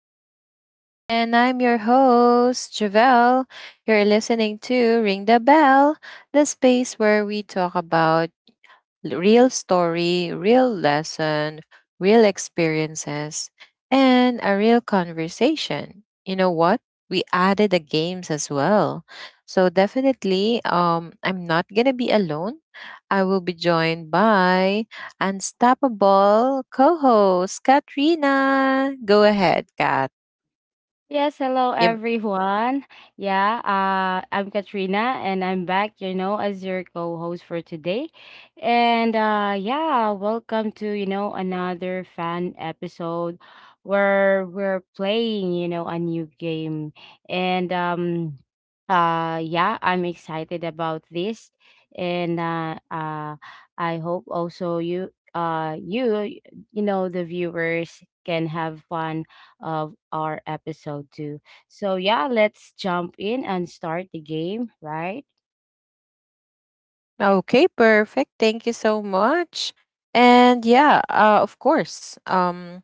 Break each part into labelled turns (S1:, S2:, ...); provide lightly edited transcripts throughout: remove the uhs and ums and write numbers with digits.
S1: to the show. And I'm your host, Javelle. You're listening to Ring the Bell, the space where we talk about real story, real lesson, real experiences, and a real conversation. You know what? We added the games as well. So definitely, I'm not gonna be alone. I will be joined by unstoppable co-host Katrina. Go ahead, Kat.
S2: Yes, hello
S1: Yep.
S2: everyone. Yeah, I'm Katrina and I'm back, as your co-host for today. Welcome to, another fan episode where we're playing, a new game. And Yeah, I'm excited about this and I hope also you you know the viewers can have fun of our episode two. So yeah, let's jump in and start the game, right?
S1: Okay, perfect. Thank you so much. And yeah, of course.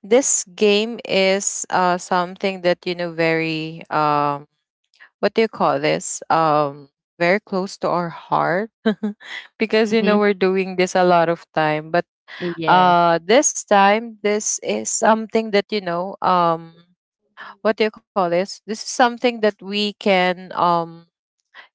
S1: This game is something that you know very what do you call this very close to our heart because you know
S2: Mm-hmm.
S1: we're doing this a lot of time but
S2: Yes.
S1: this time this is something that you know what do you call this, this is something that we can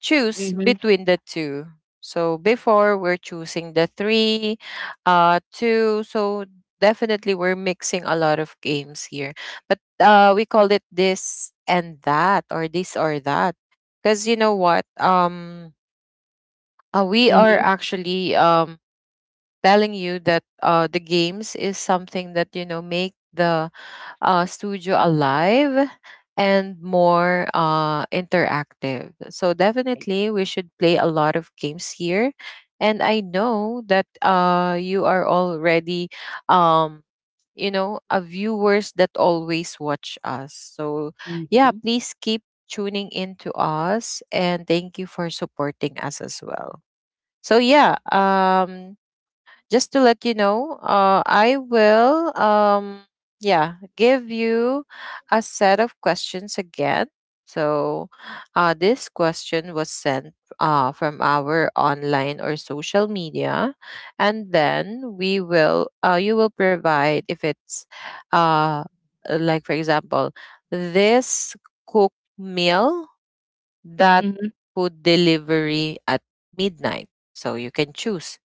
S1: choose
S2: Mm-hmm.
S1: between the two. So before we're choosing the three, two. So definitely we're mixing a lot of games here, but we call it this and that, or this or that, because you know what. We are
S2: Mm-hmm.
S1: actually telling you that the games is something that you know make the studio alive and more interactive. So definitely, we should play a lot of games here. And I know that you are already, um, you know, a viewers that always watch us. So yeah,
S2: Mm-hmm.
S1: please keep tuning in to us, and thank you for supporting us as well. So yeah, just to let you know, I will, yeah, give you a set of questions again. So, this question was sent from our online or social media, and then we will, you will provide if it's, uh, like for example, this cook meal, that
S2: Mm-hmm.
S1: food delivery at midnight. So you can choose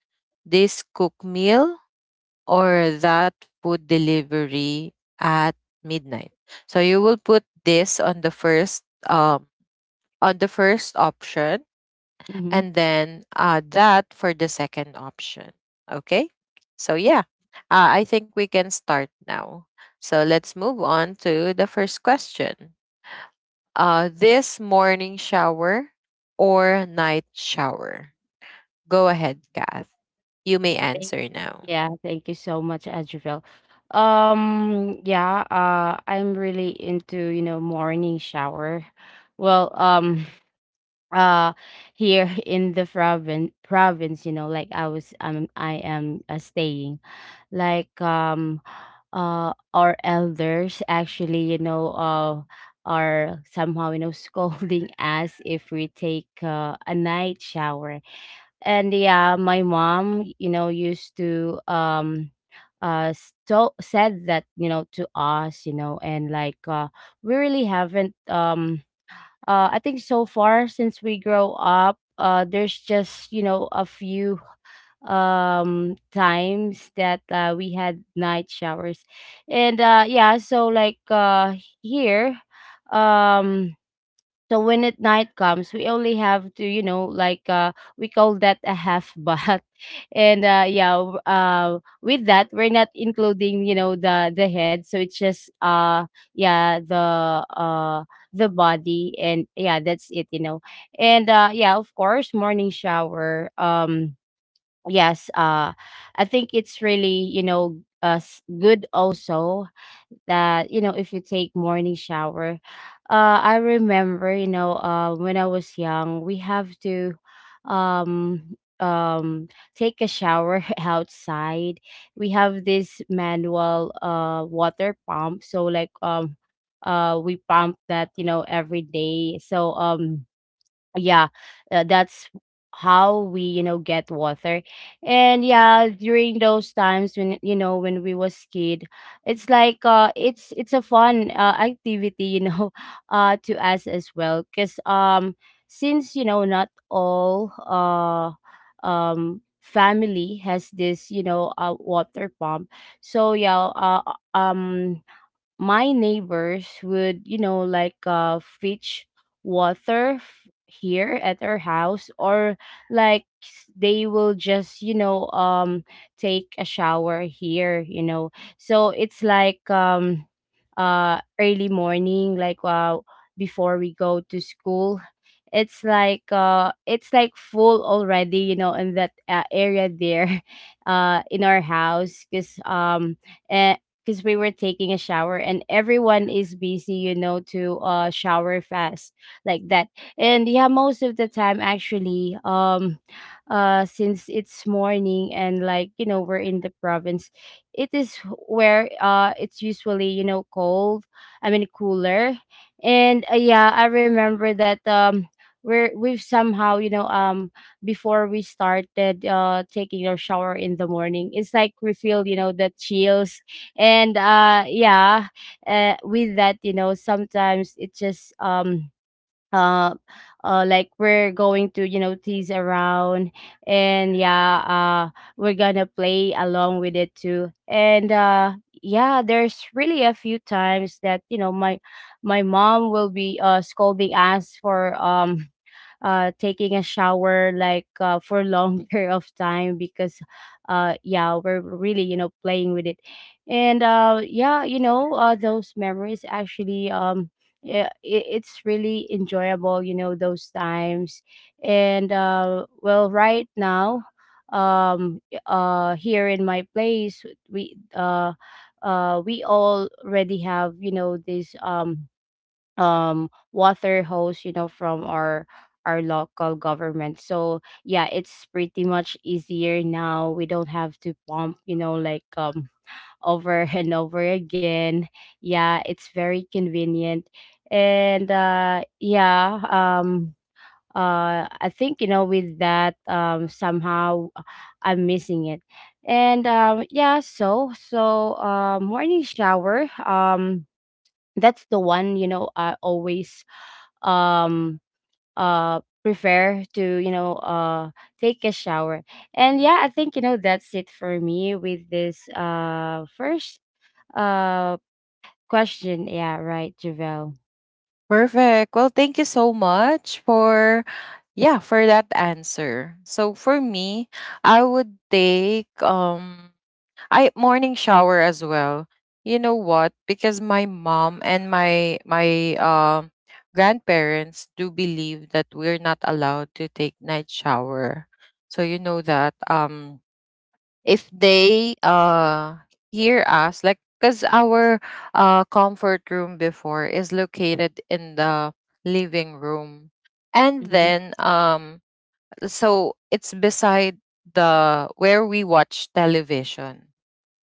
S1: this cook meal or that food delivery at midnight. So you will put this on the first option,
S2: Mm-hmm.
S1: and then that for the second option. Okay? So yeah. I think we can start now. So let's move on to the first question. This morning shower or night shower? Go ahead, Kath. You may
S2: hmm Thank,
S1: answer now.
S2: yeah, thank you so much, Adriel. Yeah, I'm really into, morning shower. Well, uh, here in the province, like I am staying. like um our elders actually are somehow scolding us if we take a night shower. And yeah, my mom used to uh said that to us, and we really haven't. I think so far since we grow up, there's just a few times that, we had night showers. And yeah so like Here, um so when at night comes, we only have to, we call that a half bath. With that, we're not including, the head. So it's just yeah the uh the body, and yeah, that's it, and of course, morning shower. Yes uh I think it's really, good also that, if you take morning shower. I remember, when I was young, we have to um um take a shower outside. We have this manual water pump, so we pump that, every day. Yeah that's how we, get water. And yeah, during those times, when you know when we was kid, it's like it's a fun, activity, to us as well, because, since, not all family has this, water pump. so yeah uh, um my neighbors would, fetch water here at our house, or like they will just, take a shower here, you know. So it's like, early morning, before we go to school. It's like, it's like full already, you know, in that, area there in our house, cuz eh, because we were taking a shower and everyone is busy, you know, to shower fast like that. And yeah, most of the time actually, since it's morning and, like, you know, we're in the province, it is where, it's usually, you know, cold, I mean cooler. And yeah, I remember that, we've somehow, you know, before we started taking our shower in the morning, it's like we feel, you know, the chills. And yeah With that, you know, sometimes it just, uh, like we're going to, you know, tease around. And yeah, we're gonna play along with it too. And yeah There's really a few times that, you know, my mom will be scolding us for, taking a shower, like, for longer of time, because yeah, we're really, you know, playing with it. And yeah You know, those memories actually, yeah, it's really enjoyable, you know, those times. And Well, right now, um here in my place, we uh we already have, you know, this, water hose, you know, from our local government. So yeah, it's pretty much easier now. We don't have to pump, you know, like, over and over again. Yeah, it's very convenient. And yeah I think, you know, with that, somehow, I'm missing it. And yeah so so Morning shower, that's the one, you know, I always, um prefer to, take a shower. And yeah, I think, you know, that's it for me with this, first, uh question. Yeah, right, Javel?
S1: Perfect. Well, thank you so much for yeah, for that answer. So for me, I would take I morning shower as well. You know what? Because my mom and my grandparents do believe that we're not allowed to take night shower. So you know that if they hear us, like because our comfort room before is located in the living room, and
S2: Mm-hmm.
S1: then so it's beside the where we watch television.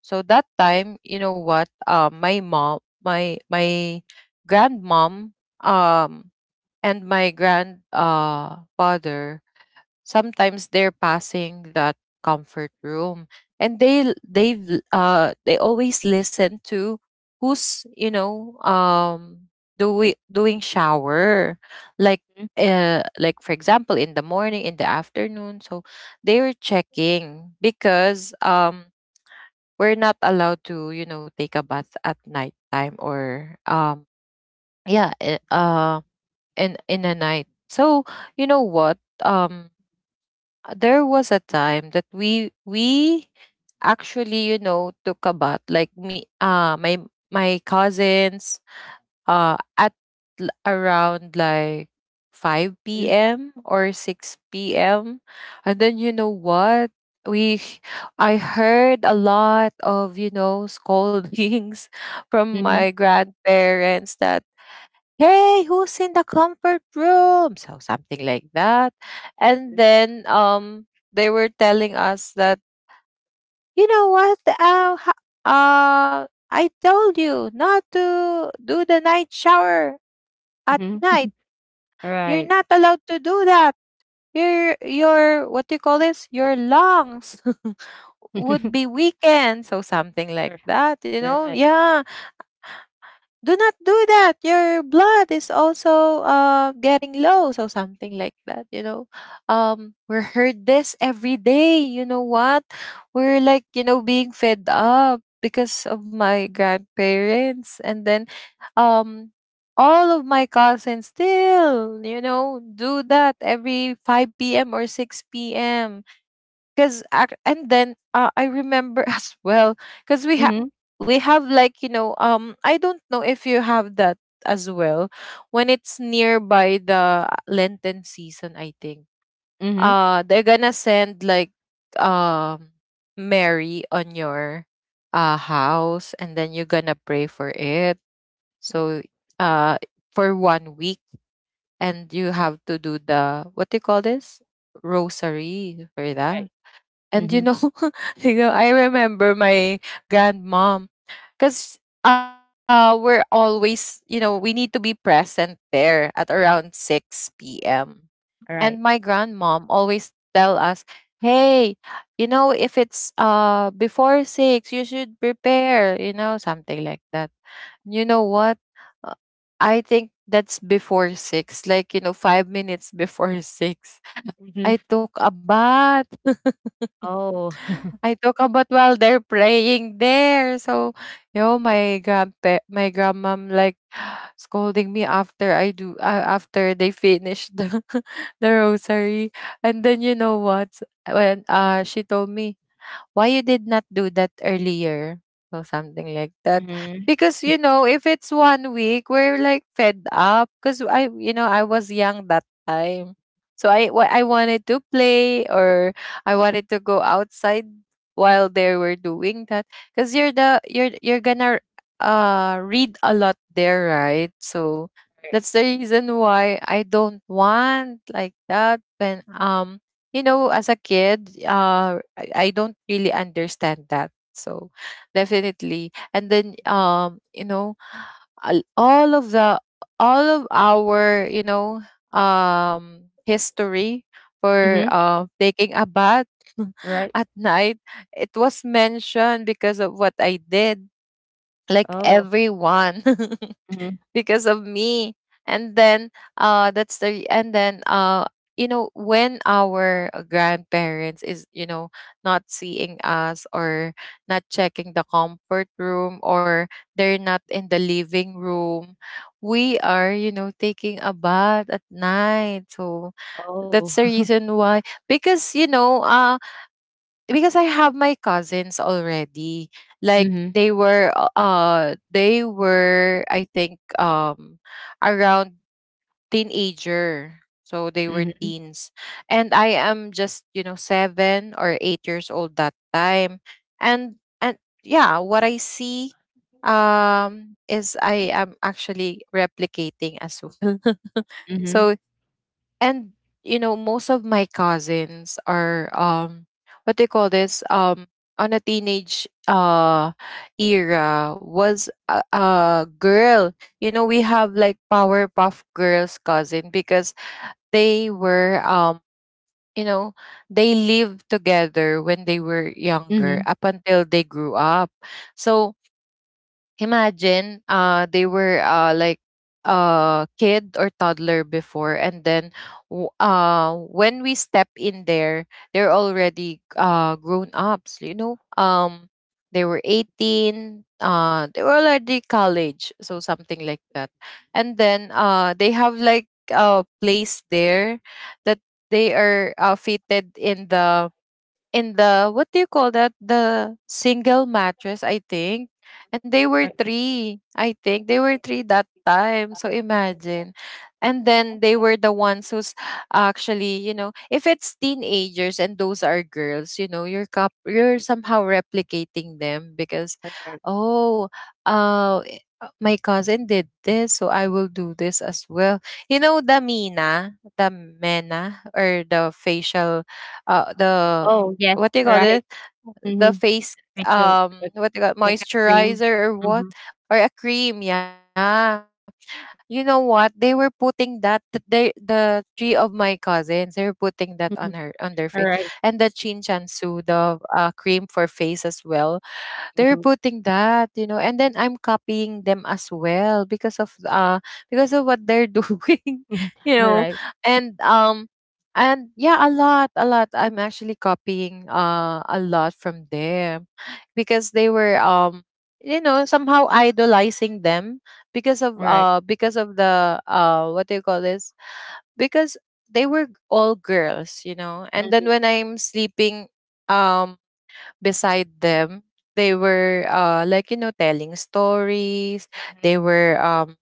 S1: So that time, you know what, my mom, my grandmom, um and my grand father, sometimes they're passing that comfort room, and they they always listen to who's you know doing shower, like like for example in the morning, in the afternoon. So they were checking, because we're not allowed to you know take a bath at nighttime or yeah in the night. So you know what, um there was a time that we actually you know took a bath, like me, my cousins, at around like 5 p.m. or 6 p.m. And then you know what, we h- I heard a lot of you know scoldings from
S2: Mm-hmm.
S1: my grandparents that hey, who's in the comfort room, so something like that. And then they were telling us that you know what, I told you not to do the night shower at
S2: Mm-hmm.
S1: night, you're
S2: Right.
S1: not allowed to do that. Your what do you call this, your lungs would be weakened, so something like that, you know.
S2: Right.
S1: Yeah, do not do that, your blood is also getting low, so something like that, you know. We're heard this every day, you know what, we're like you know being fed up because of my grandparents. And then um all of my cousins still you know do that every 5 p.m or 6 p.m. And then I remember as well, because
S2: Mm-hmm.
S1: we have like you know I don't know if you have that as well, when it's nearby the Lenten season, I think
S2: Mm-hmm.
S1: they're gonna send like um Mary on your house and then you're gonna pray for it. So uh for 1 week, and you have to do the what do you call this, rosary for that.
S2: Right.
S1: And
S2: Mm-hmm.
S1: you know, you know, I remember my grandmom, because we're always, you know, we need to be present there at around 6 p.m. And my
S2: Right.
S1: grandmom always tell us, "Hey, you know, if it's before 6, you should prepare, you know, something like that." You know what? Uh, I think that's before 6, like, you know, 5 minutes before 6.
S2: Mm-hmm.
S1: I took a bath.
S2: Oh.
S1: I talk about while they're praying there. So, you know, my grandpa, my grandmom like scolding me after I do, after they finish the, the rosary. And then you know what? When she told me, why you did not do that earlier, or something like that.
S2: Mm-hmm.
S1: Because you know if it's 1 week, we're like fed up, because I, you know, I was young that time, so I wanted to play, or I wanted to go outside while they were doing that, because you're the you're gonna read a lot there, right? So
S2: Right.
S1: that's the reason why I don't want like that. When you know, as a kid, I don't really understand that. So definitely. And then you know, all of the all of our, you know, history for
S2: Mm-hmm.
S1: taking a bath
S2: Right.
S1: at night, it was mentioned because of what I did. Like
S2: Oh.
S1: everyone.
S2: Mm-hmm.
S1: Because of me. And then that's the and then you know when our grandparents is you know not seeing us or not checking the comfort room, or they're not in the living room, we are you know taking a bath at night. So
S2: Oh.
S1: that's the reason why. Because you know, because I have my cousins already. Like
S2: Mm-hmm.
S1: they were I think around teenager. So they were
S2: Mm-hmm.
S1: teens. And I am just, you know, 7 or 8 years old that time. And yeah, what I see is I am actually replicating as well.
S2: Mm-hmm.
S1: So, and you know most of my cousins are what they call this, on a teenage era was a girl. You know, we have like powerpuff girls cousin, because they were you know, they lived together when they were younger
S2: Mm-hmm.
S1: up until they grew up. So imagine, they were like a kid or toddler before, and then when we step in there, they're already grown ups, you know, they were 18, they were already college, so something like that. And then they have like a place there that they are fitted in the what do you call that, the single mattress I think. And they were
S2: Right.
S1: three, I think they were three that time, so imagine. And then they were the ones who's actually you know, if it's teenagers and those are girls, you know, you're somehow replicating them because,
S2: Correct.
S1: oh, my cousin did this, so I will do this as well. You know the mina, the mena, or the facial, the
S2: Oh, yes,
S1: what do you call
S2: right.
S1: it? The
S2: Mm-hmm.
S1: face,
S2: Rachel,
S1: what do you call,
S2: like a dream.
S1: moisturizer, or what,
S2: Mm-hmm.
S1: or a cream, yeah. You know what, they were putting that, the three of my cousins, they were putting that on her, on
S2: Mm-hmm.
S1: their face.
S2: All
S1: And the
S2: right.
S1: chin chansu, the cream for face as well, they're
S2: Mm-hmm.
S1: putting that, you know, and then I'm copying them as well, because of what they're doing,
S2: Mm-hmm.
S1: you
S2: All
S1: know.
S2: right.
S1: And um and yeah, a lot, a lot. I'm actually copying a lot from them, because they were you know somehow idolizing them,
S2: All right.
S1: because of the what do you call this, because they were all girls, you know. And then
S2: Mm-hmm.
S1: when I'm sleeping um beside them, they were like, you know, telling stories,
S2: Mm-hmm.
S1: they were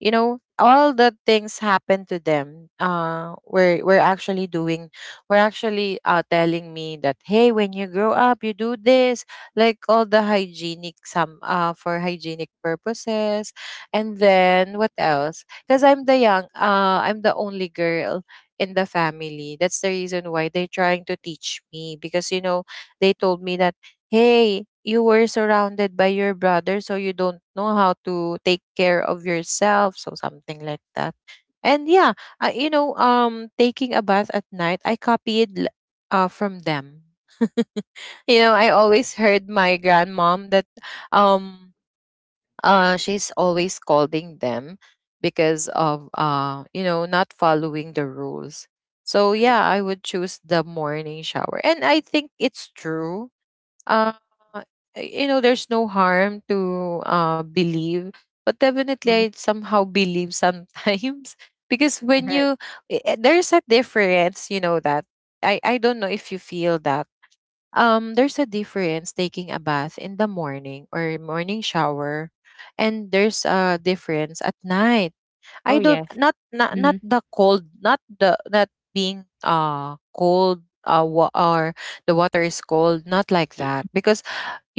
S1: you know all the things happened to them we're actually doing. We're actually telling me that hey, when you grow up you do this, like all the hygienic some for hygienic purposes. And then what else, because I'm the young, I'm the only girl in the family, that's the reason why they're trying to teach me. Because you know, they told me that, hey, you were surrounded by your brother, so you don't know how to take care of yourself, so something like that. And yeah, taking a bath at night, I copied from them. I always heard my grandmom that um she's always scolding them because of not following the rules. So
S2: All right.
S1: yeah, I would choose the morning shower. And I think it's true. uh, there's no harm to believe, but definitely
S2: Mm-hmm.
S1: I somehow believe sometimes. because
S2: All
S1: when
S2: right.
S1: you I- there's a difference, you know that. I don't know if you feel that. There's a difference taking a bath in the morning, or morning shower, and there's a difference at night.
S2: Oh,
S1: I don't
S2: yes.
S1: Not
S2: Mm-hmm.
S1: the cold, not the, not being cold wa- or the water is cold, not like that. Because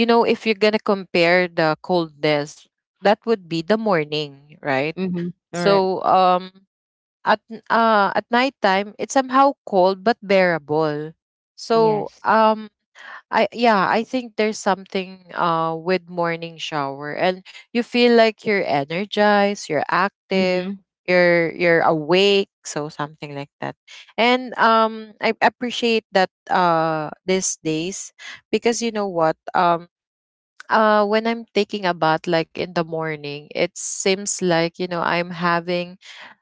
S1: you know, if you're gonna compare the coldness, that would be the morning, right?
S2: Mm-hmm. All right.
S1: So um at nighttime, it's somehow cold but bearable. So
S2: Yes.
S1: um I think there's something with morning shower, and you feel like you're energized, you're active,
S2: Mm-hmm.
S1: you're awake, so something like that. And I appreciate that these days, because you know what? When I'm taking a bath, like in the morning, it seems like, you know, I'm having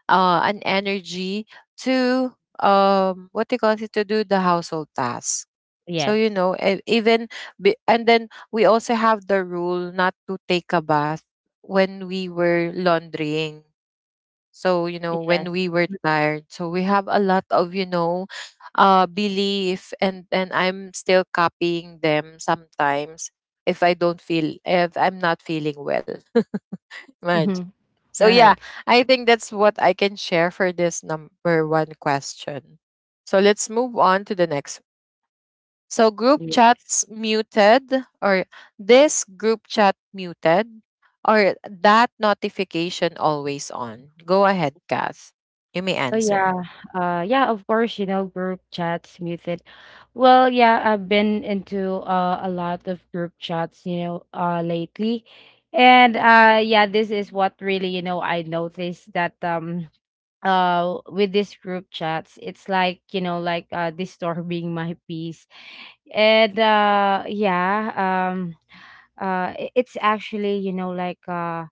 S1: an energy to, what do you call it, to do the household task. So, you
S2: Yes.
S1: know, and then we also have the rule not to take a bath when we were laundrying. So, you know, when
S2: Yes.
S1: we were tired, so we have a lot of, you know, belief. And I'm still copying them sometimes if I'm not feeling well. Imagine.
S2: Mm-hmm.
S1: So
S2: All
S1: yeah,
S2: right.
S1: I think that's what I can share for this number one question. So let's move on to the next. So, group
S2: Yes.
S1: chats muted, or this group chat muted, or that notification always on? Go ahead, Kath. You may
S2: Oh yeah,
S1: answer.
S2: yeah. Of course, you know, group chats, muted. Well, yeah, I've been into, a lot of group chats, lately, and yeah, this is what really, you know, I noticed that, with these group chats, it's like, you know, like, disturbing my peace, and yeah, um it's actually, you know, like, uh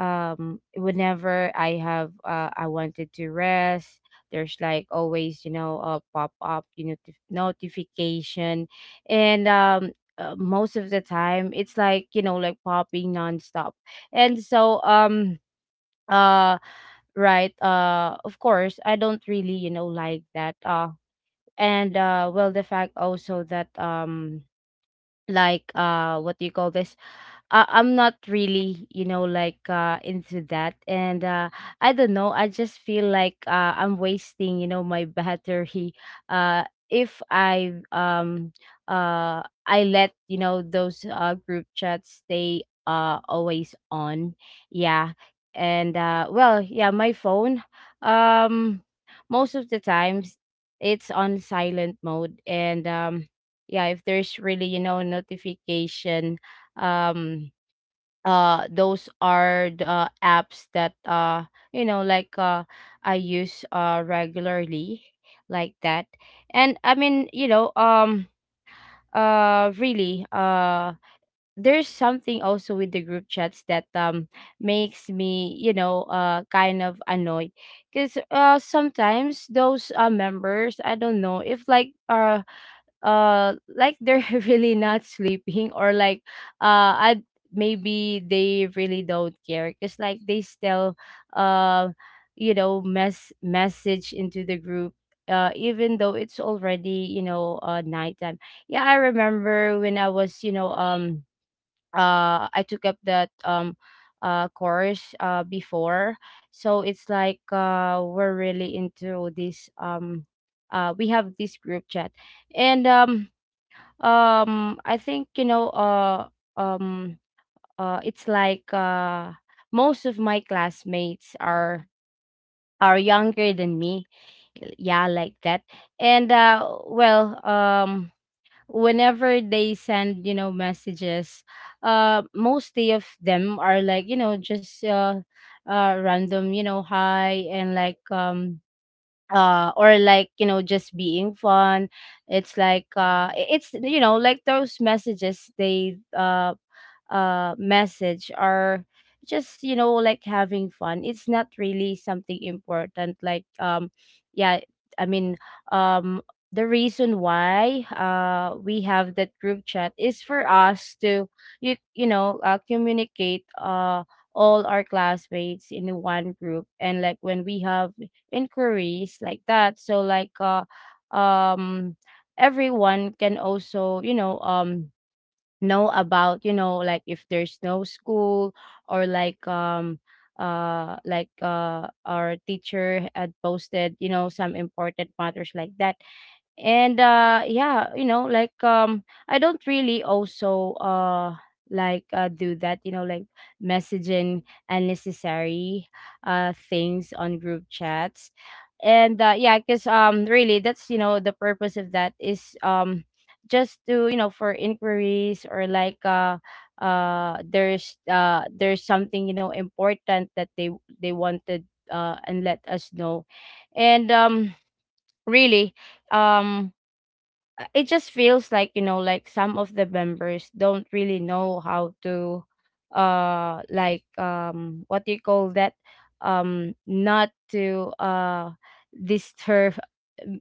S2: um whenever I have, I wanted to rest, there's like always, you know, a pop up, you know, notification. And most of the time, it's like, you know, like popping nonstop. And so uh right, of course, I don't really, you know, like that. And Well, the fact also that, like, what do you call this, I'm not really, you know, like, into that. And I don't know, I just feel like, I'm wasting, you know, my battery uh if I, uh I let, you know, those group chats stay, always on. Yeah. And well, yeah, my phone, um most of the times, it's on silent mode. And yeah, if there's really, you know, notification, um those are the, apps that, you know, like, I use regularly like that. And I mean, you know, really, there's something also with the group chats that, makes me, you know, kind of annoyed, because sometimes those, members, I don't know if like, like they're really not sleeping, or like I maybe they really don't care, because like they still, uh you know, message into the group, even though it's already, you know, nighttime. Yeah, I remember when I was, you know, I took up that, course, before. So it's like, we're really into this, we have this group chat. And I think, you know, um it's like, most of my classmates are younger than me, yeah, like that. And well, whenever they send, you know, messages, mostly of them are like, you know, just, random, you know, hi, and like, or like, you know, just being fun. It's like, it's, you know, like those messages, they message are just, you know, like having fun. It's not really something important, like, yeah, I mean, um the reason why we have that group chat is for us to you know, communicate, all our classmates in one group, and like when we have inquiries, like that. So like, um everyone can also, you know, know about, you know, like if there's no school, or like, like our teacher had posted, you know, some important matters like that. And yeah, you know, like, I don't really also, like, do that, you know, like messaging unnecessary things on group chats. And yeah, because, really, that's, you know, the purpose of that is, just to, you know, for inquiries, or like, there's, there's something, you know, important that they wanted, and let us know. And really, um it just feels like, you know, like some of the members don't really know how to, like, what do you call that, not to, disturb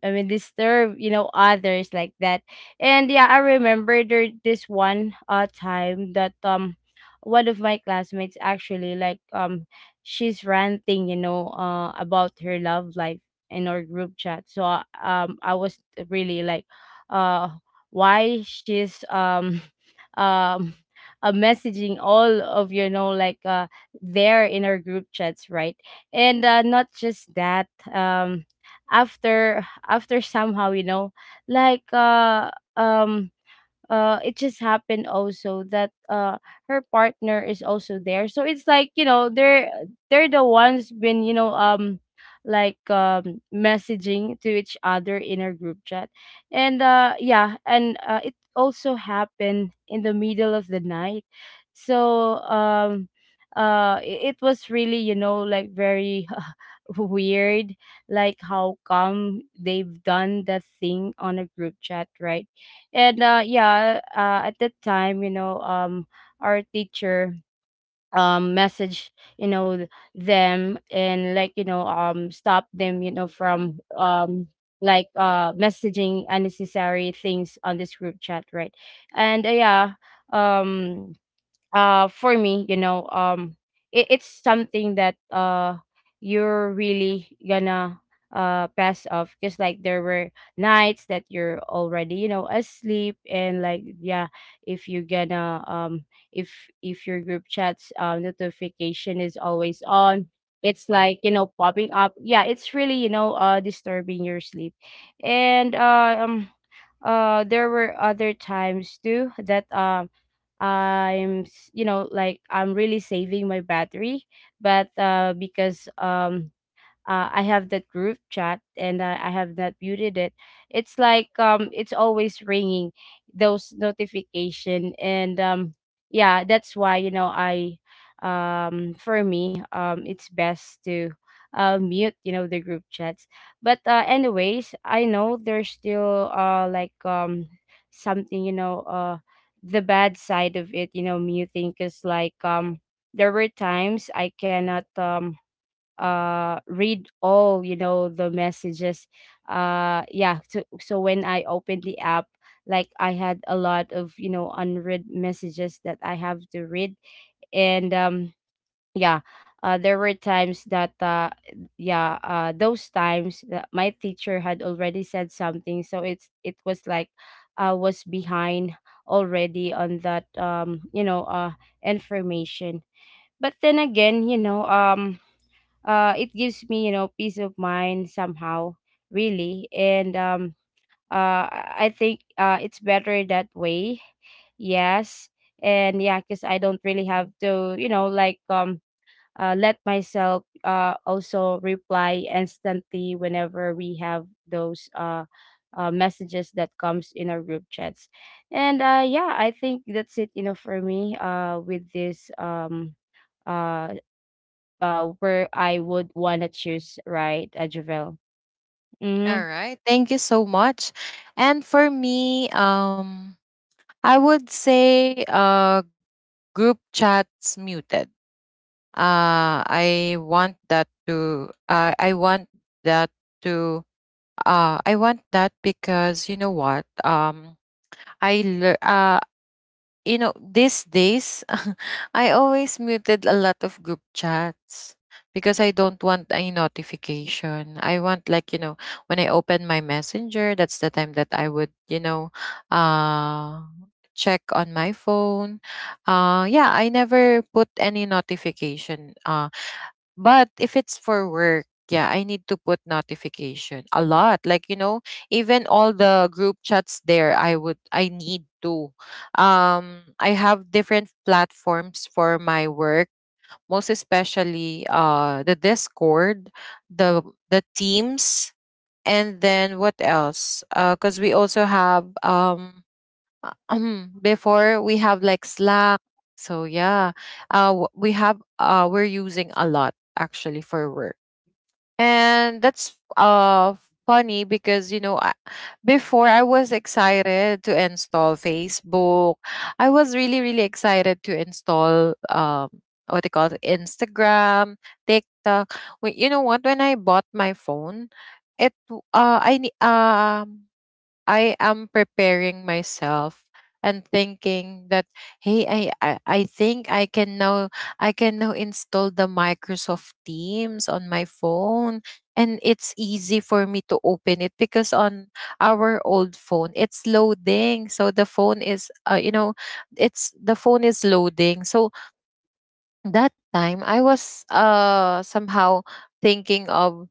S2: I mean, disturb, you know, others, like that. And yeah, I remember there this one, time that, one of my classmates actually, like, she's ranting, you know, about her love life in our group chat. So I was really like, uh why she's, um messaging all of, you know, like, there in our group chats, right? And not just that, um after somehow, you know, like, um it just happened also that, her partner is also there, so it's like, you know, they're the ones been, you know, like, messaging to each other in our group chat. And it also happened in the middle of the night. So um uh it, it, was really, you know, like very weird. Like, how come they've done that thing on a group chat, right? And yeah, at that time, you know, our teacher messaged, you know, them and, like, you know, stop them, you know, from like messaging unnecessary things on this group chat, right? And yeah, um for me, you know, it's something that you're really gonna pass off, because like there were nights that you're already, you know, asleep. And like, yeah, if you're gonna if if your group chats notification is always on, it's like, you know, popping up. Yeah, it's really, you know, disturbing your sleep. And There were other times too that, I'm, you know, like, I'm really saving my battery, but because, I have that group chat and I have not muted it. It's like, it's always ringing, those notification. And Yeah, that's why, you know, I, for me, it's best to mute, you know, the group chats. But anyways, I know there's still like, something, you know, the bad side of it, you know, muting, because like, there were times I cannot read all, you know, the messages. Yeah, so when I opened the app, like, I had a lot of, you know, unread messages that I have to read. And Yeah. There were times that yeah, those times that my teacher had already said something, so it was like I was behind already on that, you know, information. But then again, you know, it gives me, you know, peace of mind somehow, really. And I think it's better that way. Yes. And yeah, because I don't really have to, you know, like, let myself also reply instantly whenever we have those messages that comes in our group chats. And Yeah, I think that's it, you know, for me with this, uh where I would wanna choose, right, Javel?
S1: All
S2: Mhm.
S1: right, thank you so much. And for me, I would say group chats muted. I want that to. I want that to. I want that because you know what? I learn, you know, these days, I always muted a lot of group chats because I don't want any notification. I want, like, you know, when I open my messenger, that's the time that I would, you know, uh, check on my phone. Yeah, I never put any notification. But if it's for work, yeah, I need to put notification a lot. Like, you know, even all the group chats there, I would, I need to. I have different platforms for my work, most especially the Discord, the the Teams, and then what else? Because we also have before we have like Slack. So yeah, we have we're using a lot actually for work, and that's funny because you know before I was excited to install Facebook. I was really really excited to install what they call it, Instagram, TikTok. Wait, you know what? When I bought my phone, it w- I ne- I am preparing myself and thinking that, hey, I think I can now, I can now install the Microsoft Teams on my phone, and it's easy for me to open it because on our old phone it's loading, so the phone is, you know, it's the phone is loading. So that time I was somehow thinking of,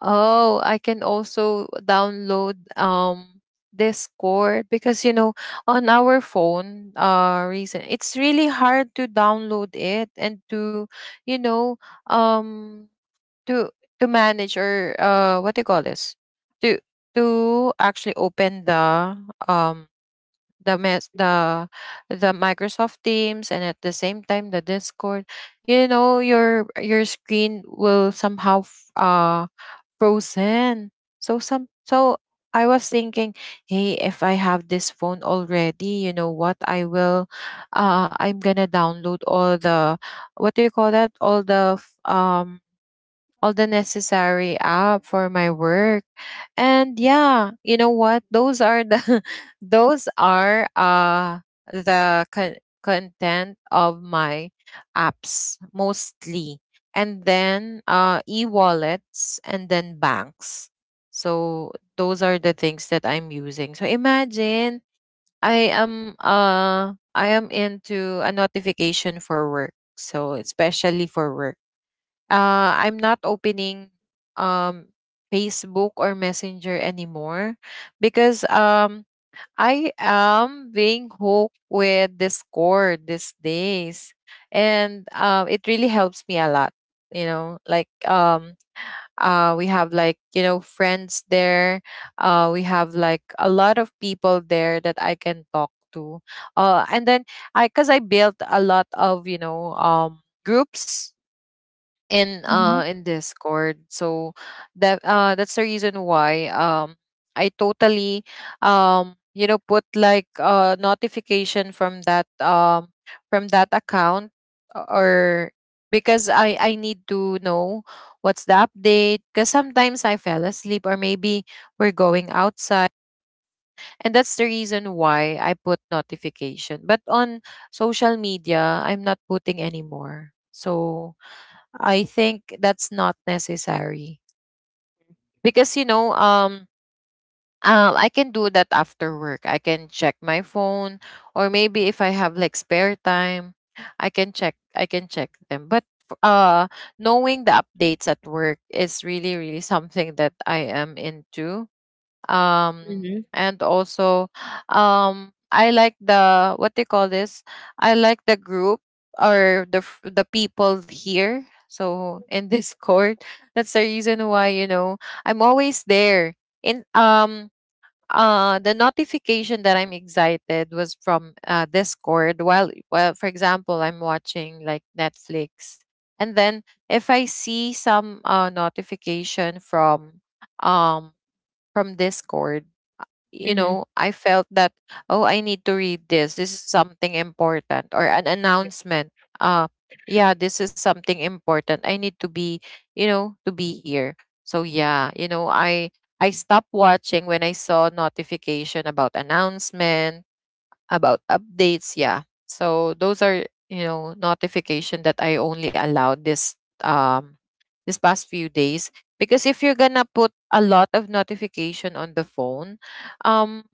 S1: oh, I can also download Discord, because you know on our phone reason it's really hard to download it and to, you know, um to to manage, or what do you call this, to to actually open the, um the mess the Microsoft Teams and at the same time the Discord, you know your screen will somehow frozen. So some so I was thinking, hey, if I have this phone already, you know what? I'm gonna download all the, what do you call that, all the all the necessary app for my work. And yeah, you know what? Those are the those are the content of my apps mostly. And then e-wallets and then banks. So those are the things that I'm using. So imagine, I am into a notification for work. So especially for work, I'm not opening, um, Facebook or Messenger anymore, because, I am being hooked with Discord these days, and it really helps me a lot. You know, like, we have like you know friends there. We have like a lot of people there that I can talk to. And then cause I built a lot of, you know, groups
S2: Mhm.
S1: in Discord. So that that's the reason why I totally you know put like a notification from that, from that account, or because I need to know what's the update, because sometimes I fell asleep or maybe we're going outside, and that's the reason why I put notification. But on social media, I'm not putting anymore. So I think that's not necessary, because you know, I can do that after work. I can check my phone, or maybe if I have like spare time, I can check, I can check them. But knowing the updates at work is really really something that I am into. um
S2: Mhm.
S1: and also, I like the, what they call this, I like the group, or the the people here, so in Discord, that's the reason why, you know, I'm always there in, the notification that I'm excited was from Discord. While, well, for example, I'm watching like Netflix, and then if I see some notification from, um from Discord, you
S2: Mhm.
S1: know, I felt that, oh, I need to read this. This is something important, or an announcement. Uh, yeah, this is something important. I need to be, you know, to be here. So yeah, you know, I stopped watching when I saw notification about announcement, about updates. Yeah. So those are, you know, notification that I only allowed this, um this past few days, because if you're gonna put a lot of notification on the phone, um,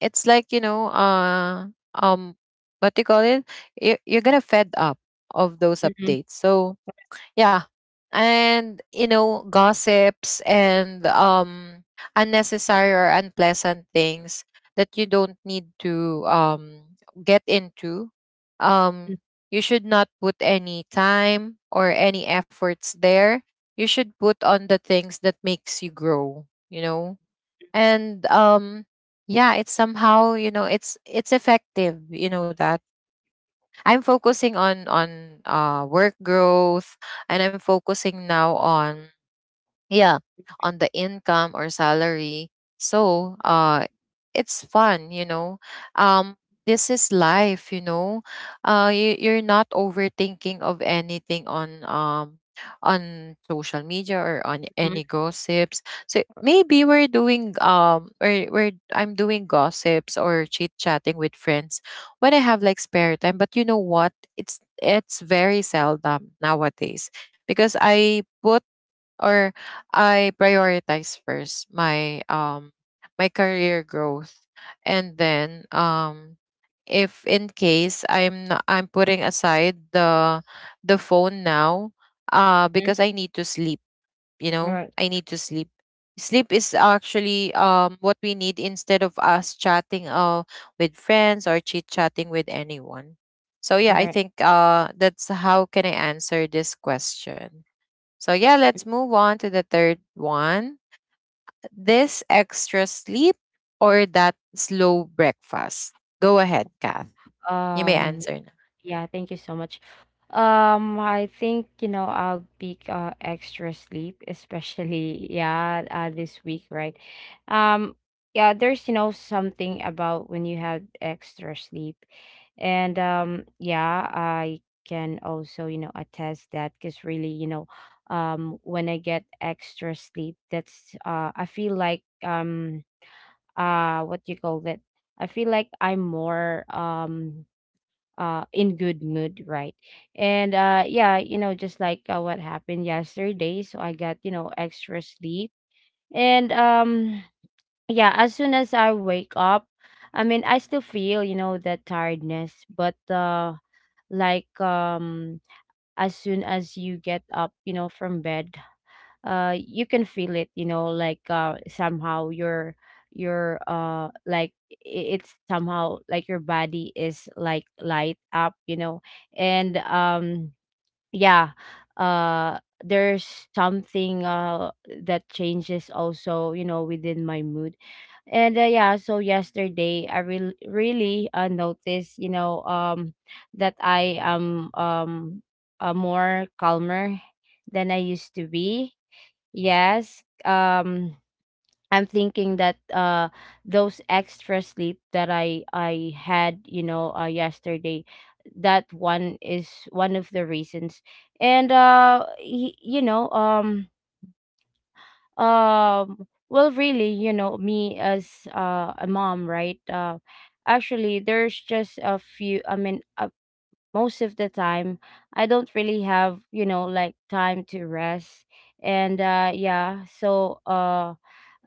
S1: it's like you know, um, what do you call it? You- You're gonna fed up of those
S2: Mhm.
S1: updates. So yeah. And you know, gossips and unnecessary or unpleasant things that you don't need to get into. um you should not put any time or any efforts there. You should put on the things that makes you grow, you know. And Yeah, it's somehow you know, it's effective, you know, that I'm focusing on work growth, and I'm focusing now on, yeah, on the income or salary. So it's fun, you know. um this is life, you know. You're not overthinking of anything on, on social media or on
S2: Mhm.
S1: any gossips. So maybe we're doing, or we're I'm doing gossips or chit chatting with friends when I have like spare time. But you know what, it's very seldom nowadays, because I put, or I prioritize first my, my career growth. And then If in case I'm not, I'm putting aside the phone now,
S2: Mhm.
S1: because I need to sleep, you know?
S2: Alright.
S1: I need to sleep. Sleep is actually what we need, instead of us chatting with friends, or chit-chatting with anyone. So yeah, I
S2: Alright.
S1: think that's how can I answer this question. So, yeah, let's move on to the third one. This extra sleep or that slow breakfast? Go ahead, Kath. You may
S2: Um
S1: answer now.
S2: Yeah, thank you so much. I think, you know, I'll pick extra sleep, especially, yeah, this week, right? Um, yeah, there's, you know, something about when you have extra sleep. And Yeah, I can also, you know, attest that, because really, you know, when I get extra sleep, that's I feel like, what do you call that? I feel like I'm more, in good mood, right? And yeah, you know, just like, what happened yesterday, so I got, you know, extra sleep. And yeah, as soon as I wake up, I mean, I still feel, you know, that tiredness, but like, as soon as you get up, you know, from bed, you can feel it, you know, like, somehow your like, it's somehow like your body is like light up, you know. And Yeah. uh there's something that changes also, you know, within my mood. And yeah, so yesterday I really noticed, you know, that I am, more calmer than I used to be. Yes. I'm thinking that those extra sleep that I had, you know, yesterday, that one is one of the reasons. And you know, well, really, you know, me as, a mom, right? Actually, there's just a few, I mean, a, most of the time, I don't really have, you know, like, time to rest. And Yeah, so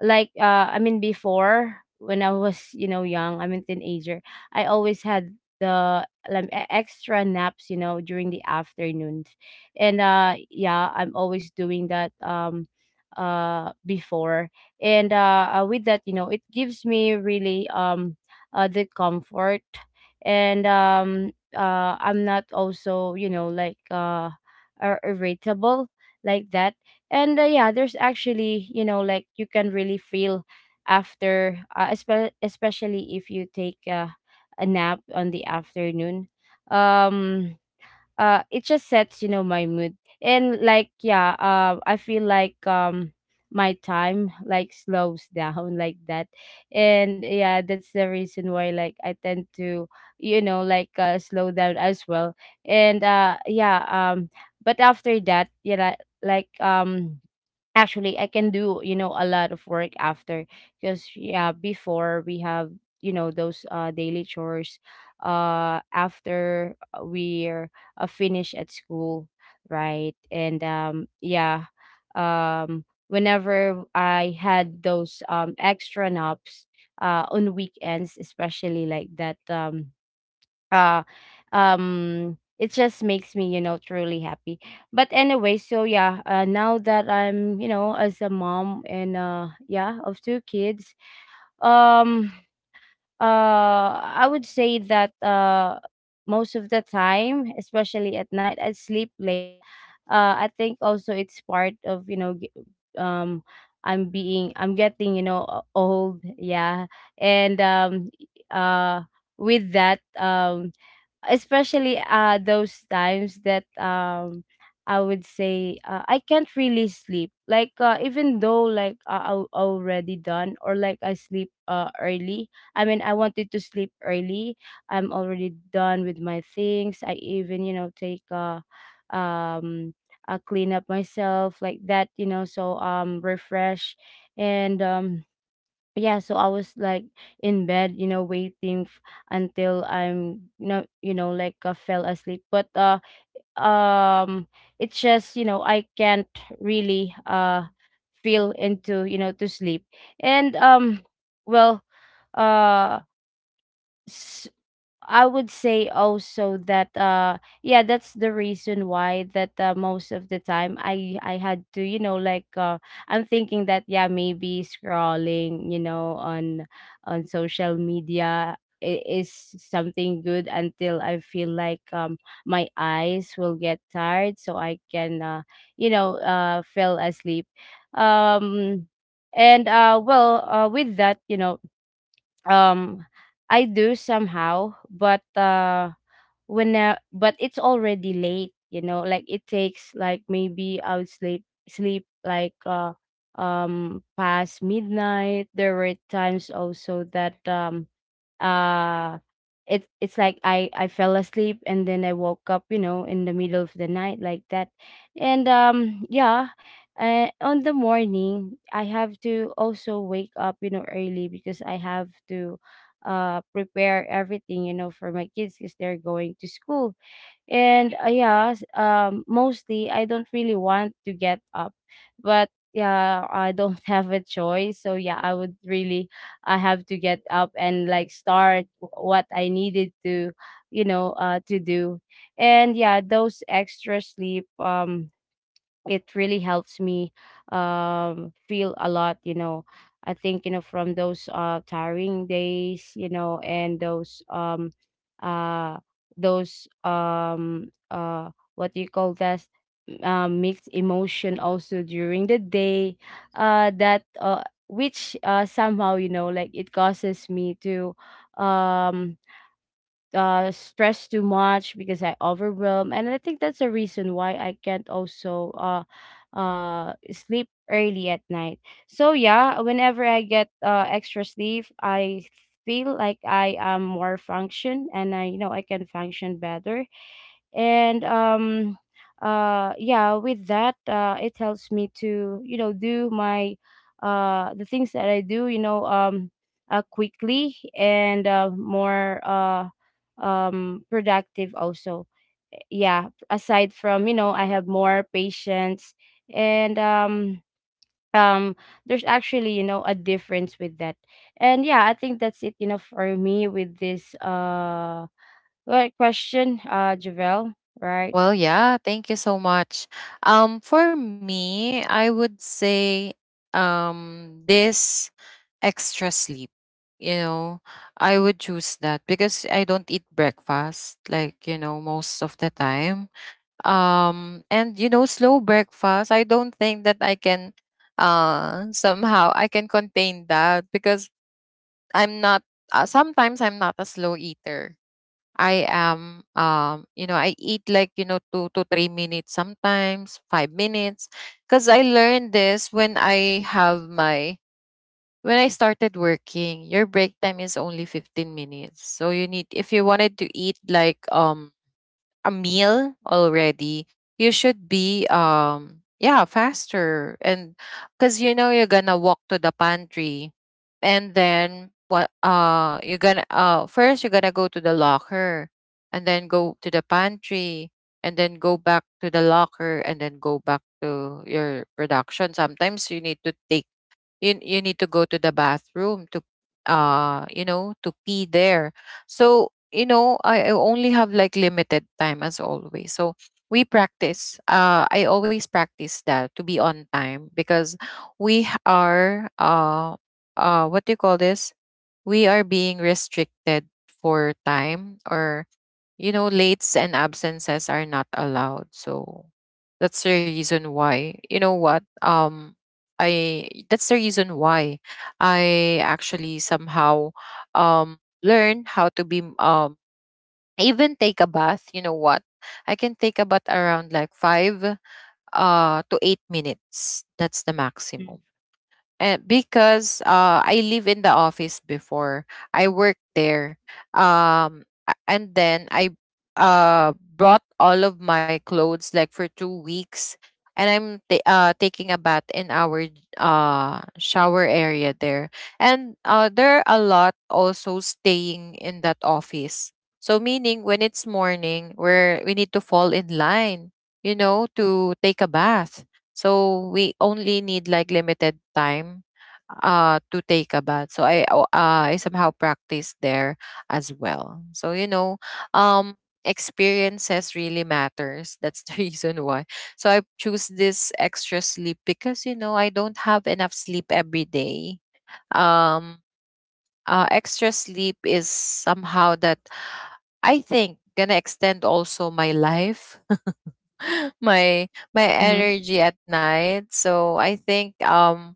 S2: like, I mean, before, when I was, you know, young, I mean, teenager, I always had the like extra naps, you know, during the afternoons. And Yeah, I'm always doing that, before. And With that, you know, it gives me really, the comfort. And I'm not also, you know, like, irritable, like that. And yeah, there's actually, you know, like, you can really feel after, especially if you take, a nap on the afternoon. um it just sets, you know, my mood. And like, yeah, I feel like, my time like slows down, like that. And yeah, that's the reason why, like, I tend to, you know, like, slow down as well. And Yeah. But after that, yeah, like, actually, I can do, you know, a lot of work after, because yeah, before we have, you know, those daily chores after, we're finished at school, right? And Yeah, whenever I had those extra naps on weekends, especially like that, uh it just makes me, you know, truly happy. But anyway, so yeah, now that I'm, you know, as a mom, and yeah, of two kids, um I would say that, most of the time, especially at night, I sleep late. I think also it's part of, you know, um I'm being, I'm getting, you know, old, yeah. and uh with that, especially those times that, I would say, I can't really sleep. Like, even though, like, I already done, or like, I sleep early. I mean, I wanted to sleep early. I'm already done with my things. I even, you know, take um clean up myself like that, you know, so, refresh. And Yeah, so I was like in bed, you know, waiting, until I'm you, you know, like, fell asleep. But um it's just, you know, I can't really feel into, you know, to sleep. And Well, uh I would say also that, yeah, that's the reason why that, most of the time, I had to, you know, like, I'm thinking that, yeah, maybe scrolling, you know, on social media is something good until I feel like, my eyes will get tired, so I can, you know, fell asleep. um and well, with that, you know, um I do somehow. But when, but it's already late, you know, like it takes like, maybe I would sleep like, past midnight. There were times also that, uh it's like I fell asleep, and then I woke up, you know, in the middle of the night, like that. And Yeah, on the morning I have to also wake up, you know, early, because I have to prepare everything, you know, for my kids, because they're going to school. And yeah, mostly, I don't really want to get up, but yeah, I don't have a choice. So yeah, I would really, I have to get up and like start, what I needed to, you know, to do. And yeah, those extra sleep, it really helps me, feel a lot, you know, I think, you know, from those tiring days, you know, and those, uh those, what do you call that, mixed emotion also during the day, that, which, somehow, you know, like, it causes me to, um stress too much, because I overwhelm. And I think that's the reason why I can't also sleep early at night. So yeah, whenever I get extra sleep, I feel like I am more function, and I, you know, I can function better. And Yeah, with that, it helps me to, you know, do my, the things that I do, you know, quickly, and more productive also. Yeah, aside from, you know, I have more patience. And um there's actually, you know, a difference with that. And yeah, I think that's it, you know, for me with this, question, Javel, right?
S1: Well, yeah, thank you so much. For me, I would say this extra sleep. You know, I would choose that because I don't eat breakfast like, you know, most of the time. And you know, slow breakfast, I don't think that I can, somehow I can contain that, because I'm not, sometimes I'm not a slow eater. I am You know, I eat like, you know, 2 to 3 minutes, sometimes 5 minutes. Cuz I learned this when I have my, when I started working, your break time is only 15 minutes, so you need, if you wanted to eat like a meal already, you should be yeah, faster, and cuz you know you're going to walk to the pantry, and then what, you're going to first you're going to go to the locker, and then go to the pantry, and then go back to the locker, and then go back to your production. Sometimes you need to take you need to go to the bathroom to to pee there. So I only have like limited time as always. So we practice I always practice that to be on time because we h- are what do you call this we are being restricted for time. Or you know, lates and absences are not allowed. So that's the reason why. You know what? I That's the reason why I actually somehow um learn how to be I even take a bath, you know what? I can take a bath around like 5 to 8 minutes. That's the
S2: Mm,
S1: maximum, because I live in the office before. I work there. And then I brought all of my clothes like for 2 weeks. And I'm taking a bath in our shower area there. And there are a lot also staying in that office. So meaning when it's morning, where we need to fall in line, you know, to take a bath. So we only need like limited time to take a bath. So I somehow practice there as well. So you know, um experiences really matters. That's the reason why. So I choose this extra sleep because you know I don't have enough sleep every day. um Extra sleep is somehow that I think gonna extend also my life, my my
S2: mhm.
S1: energy at night. So I think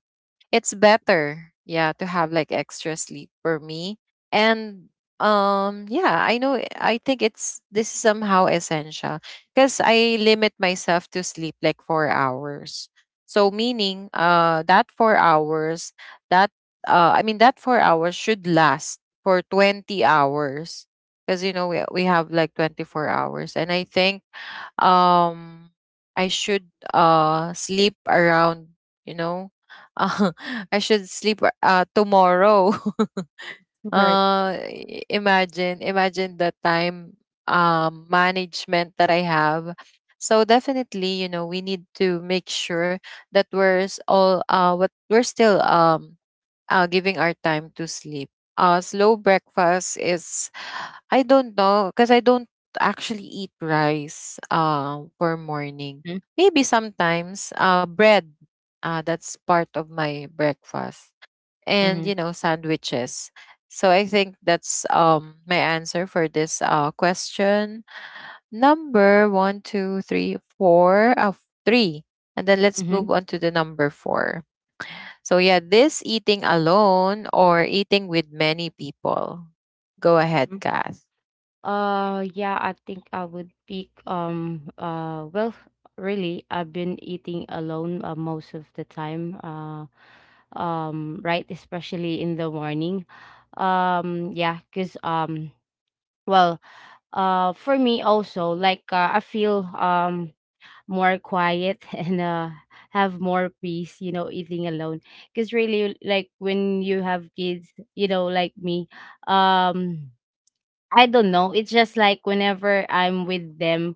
S1: it's better, yeah, to have like extra sleep for me. And yeah, I know, I think it's this is somehow essential because I limit myself to sleep like 4 hours. So meaning that 4 hours that I mean that 4 hours should last for 20 hours because you know we have like 24 hours. And I think um I should sleep around, you know, uh, I should sleep, tomorrow.
S2: Right.
S1: Imagine, imagine the time management that I have. So definitely, you know, we need to make sure that we're s- all what we're still giving our time to sleep. Slow breakfast is, I don't know, because I don't actually eat rice for
S2: Mhm,
S1: morning. Maybe sometimes bread, that's part of my breakfast.
S2: mhm,
S1: And, you know, sandwiches. So I think that's, my answer for this question. Number one, two, three, four, three. And then let's
S2: mhm,
S1: move on to the number four. So yeah, this eating alone or eating with many people. Go ahead,
S2: mhm.
S1: Kath.
S2: Yeah, I think I would pick, well, really, I've been eating alone, most of the time. Right, especially in the morning. Yeah, 'cause well, for me also like, I feel more quiet and, have more peace, you know, eating alone. Because really, like when you have kids, you know, like me, um, I don't know. It's just like whenever I'm with them,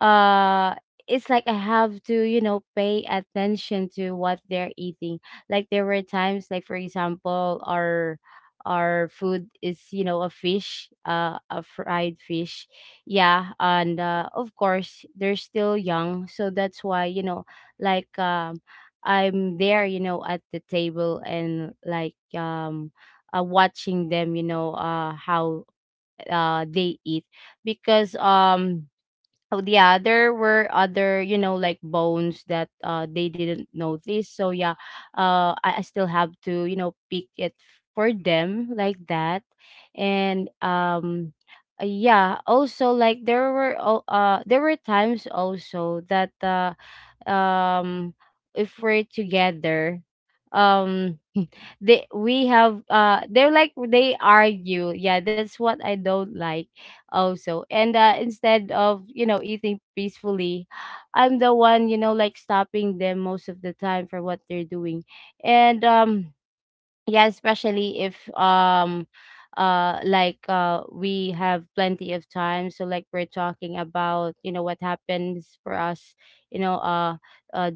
S2: uh it's like I have to, you know, pay attention to what they're eating. Like there were times like for example our food is, you know, a fish, a fried fish. Yeah, and of course they're still young, so that's why, you know, like, I'm there, you know, at the table and like, watching them, you know, how they eat because um Oh yeah, there were other, you know, like bones that they didn't notice. So yeah, I still have to, you know, pick it for them like that. And Yeah, also like there were times also that um if we're together, um they we have they're like they argue, yeah, that's what I don't like also. And instead of, you know, eating peacefully, I'm the one, you know, like stopping them most of the time for what they're doing. And, yeah, especially if like we have plenty of time, so like we're talking about, you know, what happens for us, you know. Uh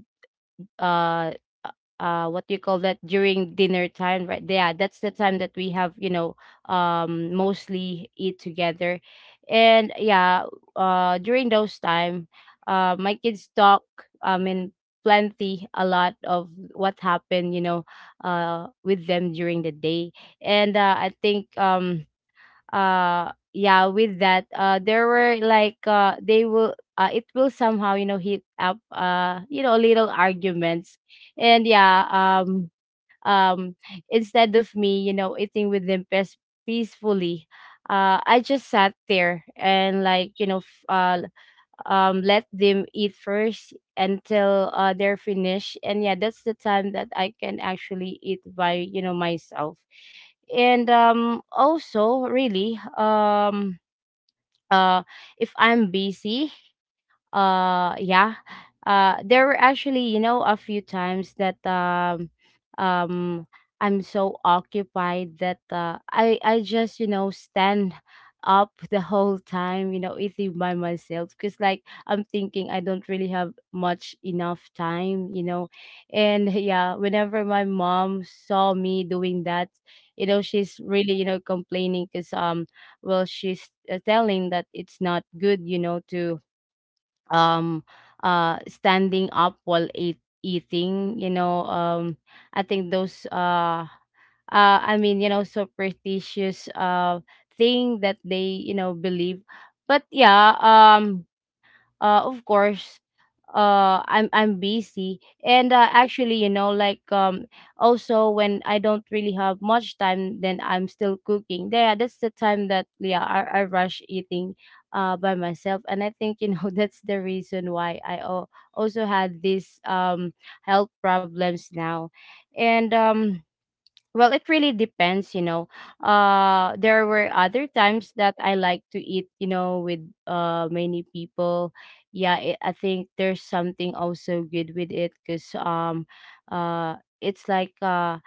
S2: uh uh what do you call that? During dinner time, right? Yeah, that's the time that we have, you know, mostly eat together. And yeah, during those time, my kids talk, I mean, plenty, a lot of what happened, you know, with them during the day. And I think yeah, with that, there were like they will it will somehow, you know, heat up, you know, little arguments. And yeah um um instead of me, you know, eating with them peacefully, I just sat there and like, you know, let them eat first until they're finished. And yeah, that's the time that I can actually eat by, you know, myself. And also really, uh if I'm busy, uh yeah there were actually, you know, a few times that um I'm so occupied that I just, you know, stand up the whole time, you know, eating by myself, because like I'm thinking I don't really have much enough time, you know. And yeah, whenever my mom saw me doing that, you know, she's really, you know, complaining, because well, she's telling that it's not good, you know, to um standing up while eating, you know. I think those I mean, you know, superstitious thing that they, you know, believe. But, of course, I'm busy and actually, you know, also when I don't really have much time, then I'm still cooking. Yeah, that's the time that yeah, I rush eating by myself. And I think, you know, that's the reason why also had these health problems now. And well, it really depends, you know. There were other times that I like to eat, you know, with many people. Yeah, I think there's something also good with it, because uh, it's like, uh,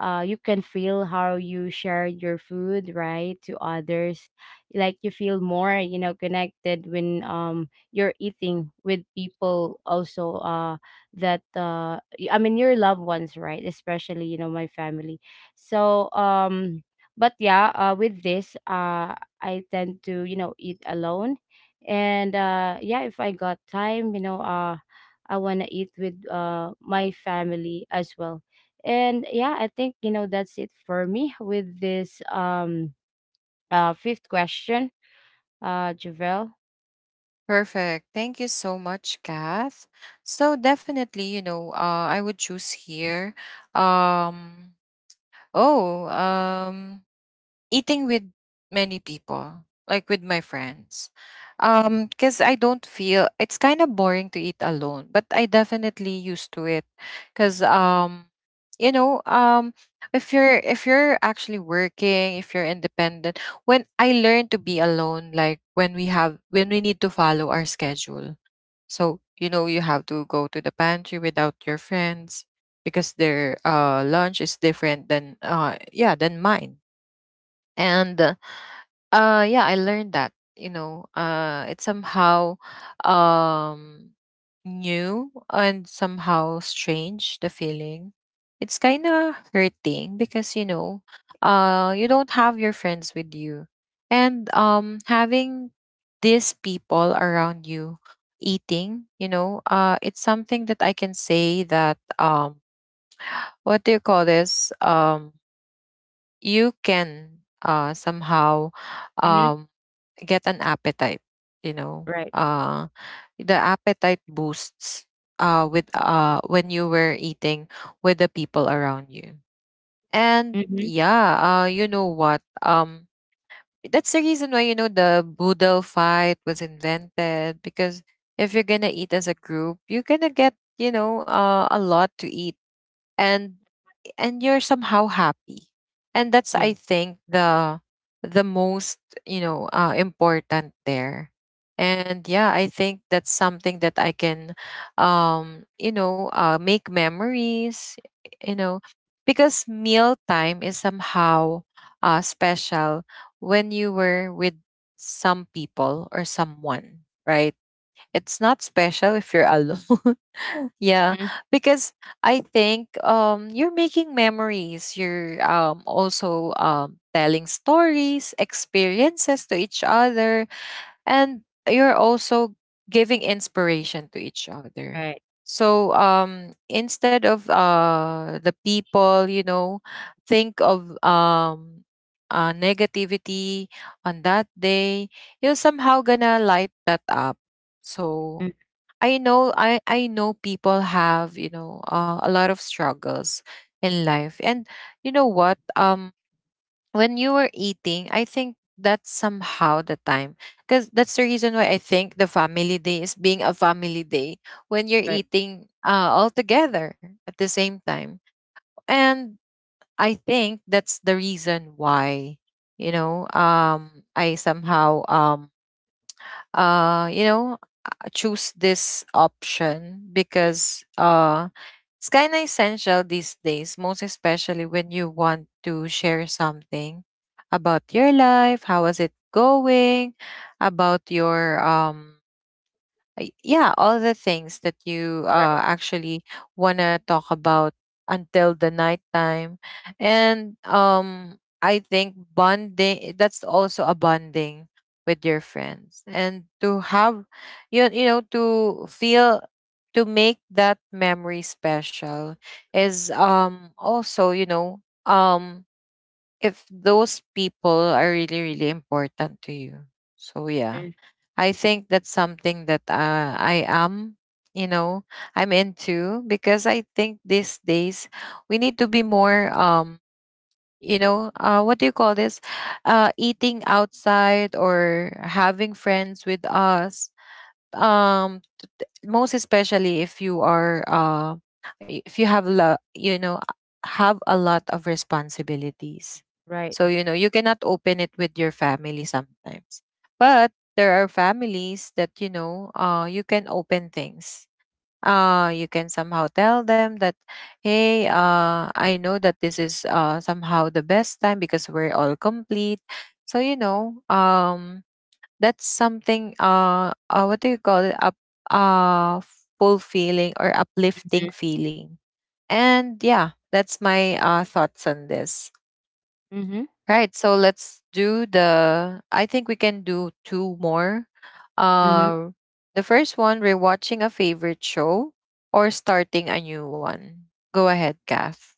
S2: uh, you can feel how you share your food, right, to others. Like you feel more, you know, connected when you're eating with people also, I mean your loved ones, right? Especially, you know, my family. so um but yeah, with this, I tend to, you know, eat alone. And yeah, if I got time, you know, I want to eat with my family as well. And yeah, I think, you know, that's it for me with this fifth question, Javel.
S1: Perfect. Thank you so much, Kath. So definitely, you know, I would choose here. Um, oh, um, eating with many people, like with my friends. Because I don't feel it's kind of boring to eat alone, but I definitely used to it. Cause you know, um, if you're actually working, if you're independent, when I learned to be alone, like when we need to follow our schedule. So, you know, you have to go to the pantry without your friends because their lunch is different than yeah, than mine. And yeah, I learned that, you know, it's somehow um new and somehow strange the feeling. It's kind of hurting because you know, you don't have your friends with you. And having these people around you eating, you know, it's something that I can say that what do you call this? You can somehow
S2: Mm-hmm.
S1: um get an appetite, you know.
S2: Right.
S1: The appetite boosts with when you were eating with the people around you. And
S2: Mm-hmm.
S1: yeah, you know what? That's the reason why you know the boodle fight was invented because if you're going to eat as a group, you're going to get, you know, a lot to eat. And you're somehow happy, and that's
S2: Yeah.
S1: I think the most, you know, important there. And yeah, I think that's something that I can, you know, make memories, you know, because meal time is somehow special when you were with some people or someone, right? It's not special if you're alone. Yeah,
S2: Mm-hmm.
S1: because I think you're making memories. You're also telling stories, experiences to each other. And you're also giving inspiration to each other.
S2: Right.
S1: So instead of the people, you know, think of negativity on that day, you're somehow gonna light that up. So
S2: Mm-hmm.
S1: I know people have, you know, a lot of struggles in life. And you know what? When you were eating, I think that's somehow the time. Because that's the reason why I think the family day is being a family day when you're
S2: Right.
S1: eating all together at the same time. And I think that's the reason why, you know, I somehow, you know, choose this option because it's kind of essential these days, most especially when you want to share something about your life, how is it going, about your yeah, all the things that you actually want to talk about until the night time. And I think bonding, that's also a bonding with your friends. And to have, you know, to feel, to make that memory special is, also, you know, um, if those people are really really important to you. So yeah,
S2: Mm-hmm.
S1: I think that's something that I am, you know, I'm into, because I think these days we need to be more, you know what do you call this eating outside or having friends with us, um most especially if you are if you have lo- you know have a lot of responsibilities. So
S2: Right.
S1: you know you cannot open it with your family sometimes. But there are families that you know you can open things. You can somehow tell them that hey, I know that this is somehow the best time because we're all complete. So you know that's something, what do you call it up uh fulfilling or uplifting
S2: Mhm.
S1: feeling. And yeah, that's my thoughts on this, right? So let's do the, I think we can do two more.
S2: Mhm.
S1: uh the first one, rewatching a favorite show or starting a new one. Go ahead, Kath.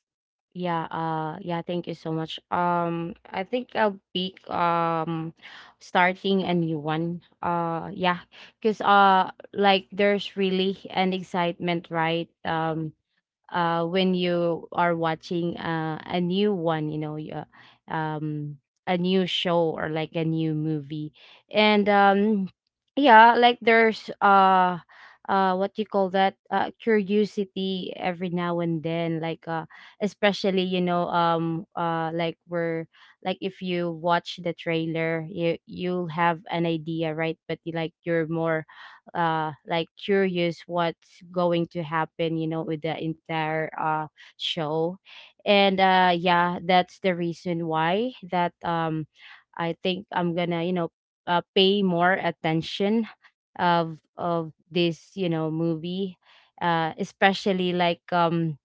S2: Yeah, yeah, thank you so much. I think I'll be starting a new one. Yeah, cuz like there's really an excitement, right? When you are watching a new one, you know, a new show or like a new movie. And yeah, like there's what you call that? Curiosity every now and then, like especially, you know, like we're like, if you watch the trailer, you you'll have an idea, right? But you, like you're more like curious what's going to happen, you know, with the entire show. And yeah, that's the reason why that I think I'm gonna, you know, pay more attention of this, you know, movie, especially like, um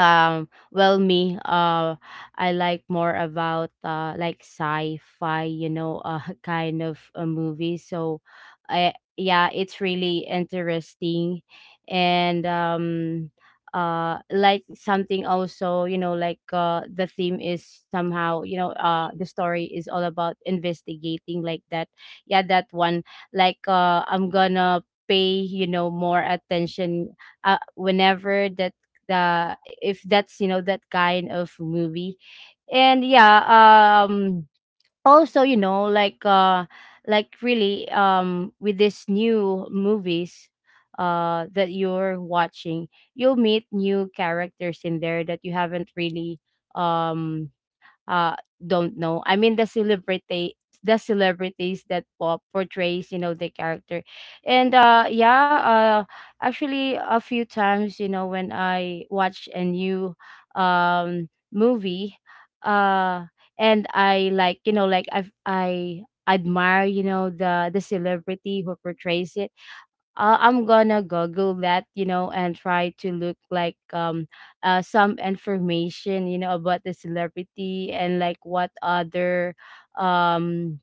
S2: um, well, me, I like more about like sci-fi, you know, kind of a movie. So, I yeah, it's really interesting. And like something also, you know, like the theme is somehow, you know, the story is all about investigating like that. Yeah, that one. Like, I'm gonna pay, you know, more attention whenever that, the, if that's, you know, that kind of movie. And yeah, um also, you know, like really, with these new movies that you're watching, you'll meet new characters in there that you haven't really um uh don't know. I mean the celebrity, the celebrities that pop portrays, you know, the character. And yeah, actually a few times, you know, when I watch a new movie, uh and I like, you know, like I admire, you know, the celebrity who portrays it, I'm gonna Google that, you know, and try to look like some information, you know, about the celebrity and like what other um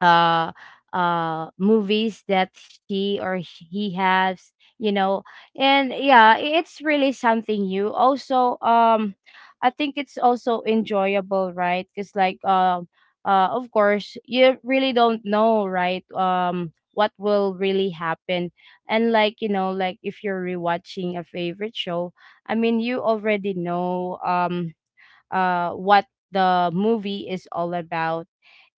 S2: uh movies that she or he has, you know. And yeah, it's really something new also. I think it's also enjoyable, right? Because like, of course, you really don't know, right, what will really happen. And like, you know, like if you're rewatching a favorite show, I mean, you already know, what the movie is all about.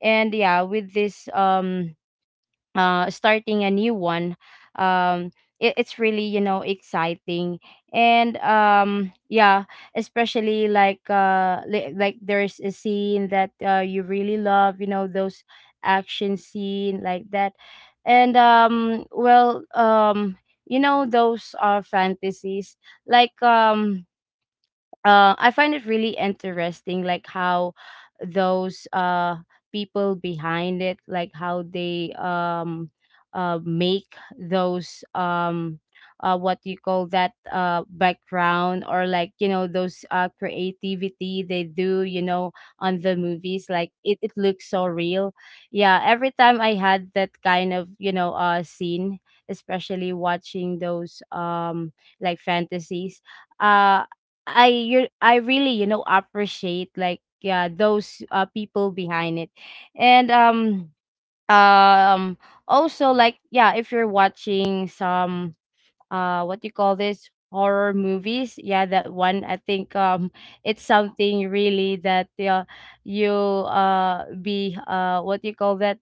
S2: And yeah, with this, starting a new one, um it's really, you know, exciting. And yeah, especially like, like there's a scene that you really love, you know, those action scene like that. And well, you know, those fantasies, like, I find it really interesting, like how those people behind it, like how they make those what you call that, background, or like, you know, those creativity they do, you know, on the movies, like it looks so real. Yeah, every time I had that kind of, you know, scene, especially watching those like fantasies. uh. I, you, I really, you know, appreciate like, yeah, those people behind it. And um um also like, yeah, if you're watching some what do you call this, horror movies, yeah, that one, I think, it's something really that you be what do you call that,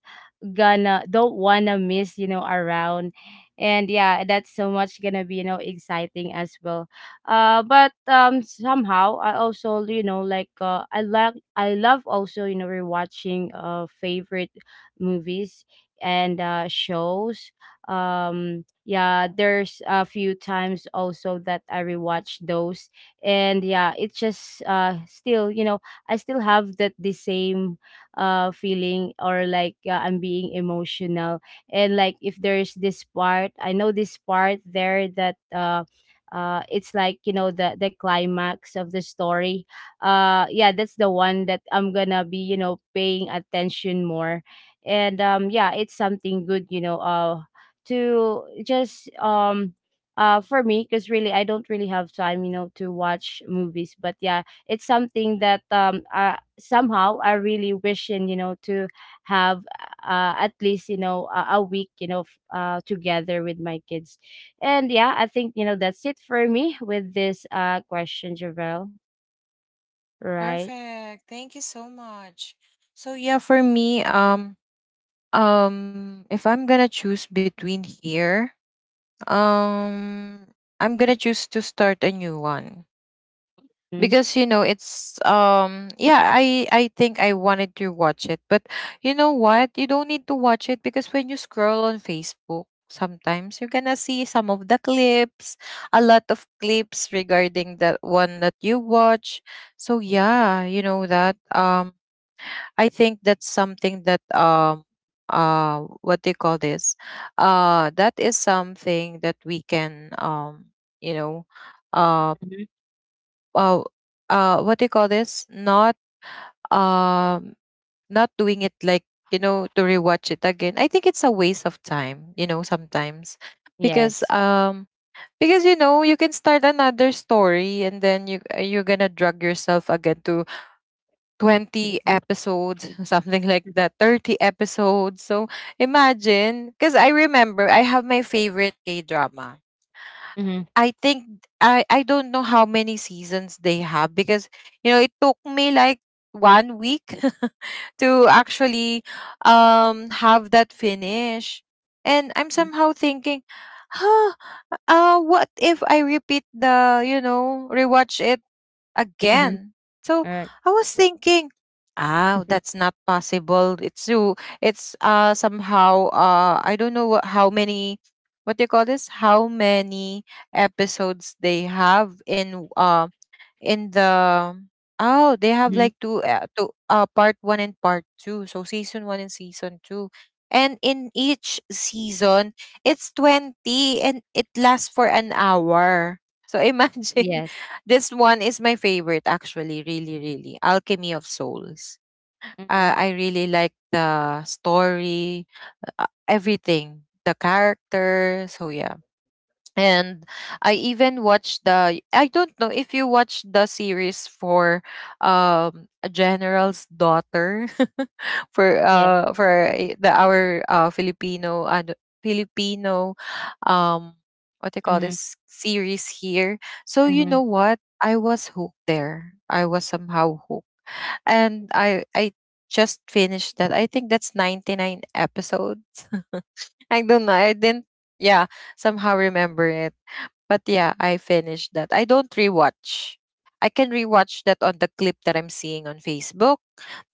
S2: gonna, don't wanna miss, you know, around. And yeah, that's so much gonna be, you know, exciting as well. But somehow I also, you know, like I love also, you know, rewatching favorite movies and shows. um yeah, there's a few times also that I rewatch those. And yeah, it's just still, you know, I still have that, the same feeling, or like, I'm being emotional. And like if there's this part, I know this part there that it's like, you know, the climax of the story. Yeah, that's the one that I'm gonna be, you know, paying attention more. And yeah, it's something good, you know, to just for me, because really I don't really have time, you know, to watch movies. But yeah, it's something that somehow I really wishing, you know, to have at least, you know, a week, you know, together with my kids. And yeah, I think, you know, that's it for me with this question, Javel. Right?
S1: Perfect. Thank you so much. So yeah, for me, if I'm gonna choose between here, Um, I'm gonna choose to start a new one
S2: Hmm.
S1: because you know it's yeah, I think I wanted to watch it. But you know what? You don't need to watch it because when you scroll on Facebook, sometimes you're gonna see some of the clips, a lot of clips regarding that one that you watch. So yeah, you know that I think that's something that what do you call this? That is something that we can, you know uh
S2: Mhm.
S1: uh, what do you call this? Not um not doing it like you know to rewatch it again. I think it's a waste of time, you know, sometimes, because
S2: Yes.
S1: you know you can start another story, and then you're gonna drag yourself again to 20
S2: Mhm.
S1: episodes, something like that, 30 episodes. So imagine, because I remember I have my favorite K drama.
S2: Mm-hmm.
S1: I think I don't know how many seasons they have because you know it took me like 1 week to actually have that finish. And I'm
S2: Mhm.
S1: somehow thinking, huh, what if I repeat the, you know, rewatch it
S2: Mhm.
S1: again. So
S2: All right.
S1: I was thinking, ah,
S2: Mhm.
S1: that's not possible. It's so it's somehow, I don't know what, how many, what do you call this? How many episodes they have in the, oh, they have
S2: Mm-hmm.
S1: like two two part one and part two, so season one and season two. And in each season it's 20, and it lasts for an hour. So imagine,
S2: Yes.
S1: this one is my favorite, actually, really really, Alchemy of Souls.
S2: Mm-hmm.
S1: I really like the story, everything, the character. So yeah. And I even watched the, I don't know if you watched the series for A General's Daughter, for
S2: Yeah.
S1: the, our Filipino and Filipino, um what they call
S2: Mm-hmm.
S1: this series here. So you
S2: Mhm.
S1: know what? I was hooked there. I was somehow hooked. And I just finished that. I think that's 99 episodes. I don't know. I didn't, yeah, somehow remember it. But yeah, I finished that. I don't rewatch. I can rewatch that on the clip that I'm seeing on Facebook,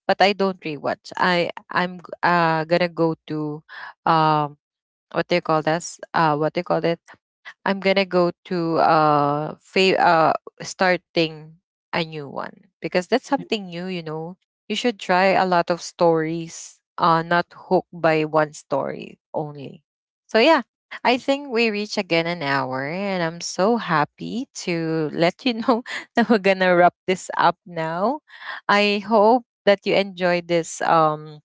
S1: but I don't rewatch. I'm gonna go to um what do you call this? What do you call it? I'm gonna go to, starting a new one because that's something new, you know. You should try a lot of stories, not hooked by one story only. So yeah, I think we reach again an hour, and I'm so happy to let you know that we're gonna wrap this up now. I hope that you enjoyed this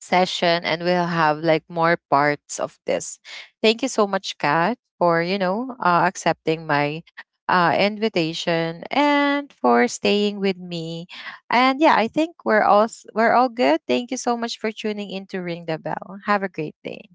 S1: session, and we'll have like more parts of this. Thank you so much, Kat, for, you know, accepting my invitation and for staying with me. And yeah, I think we're all good. Thank you so much for tuning in to Ring the Bell. Have a great day.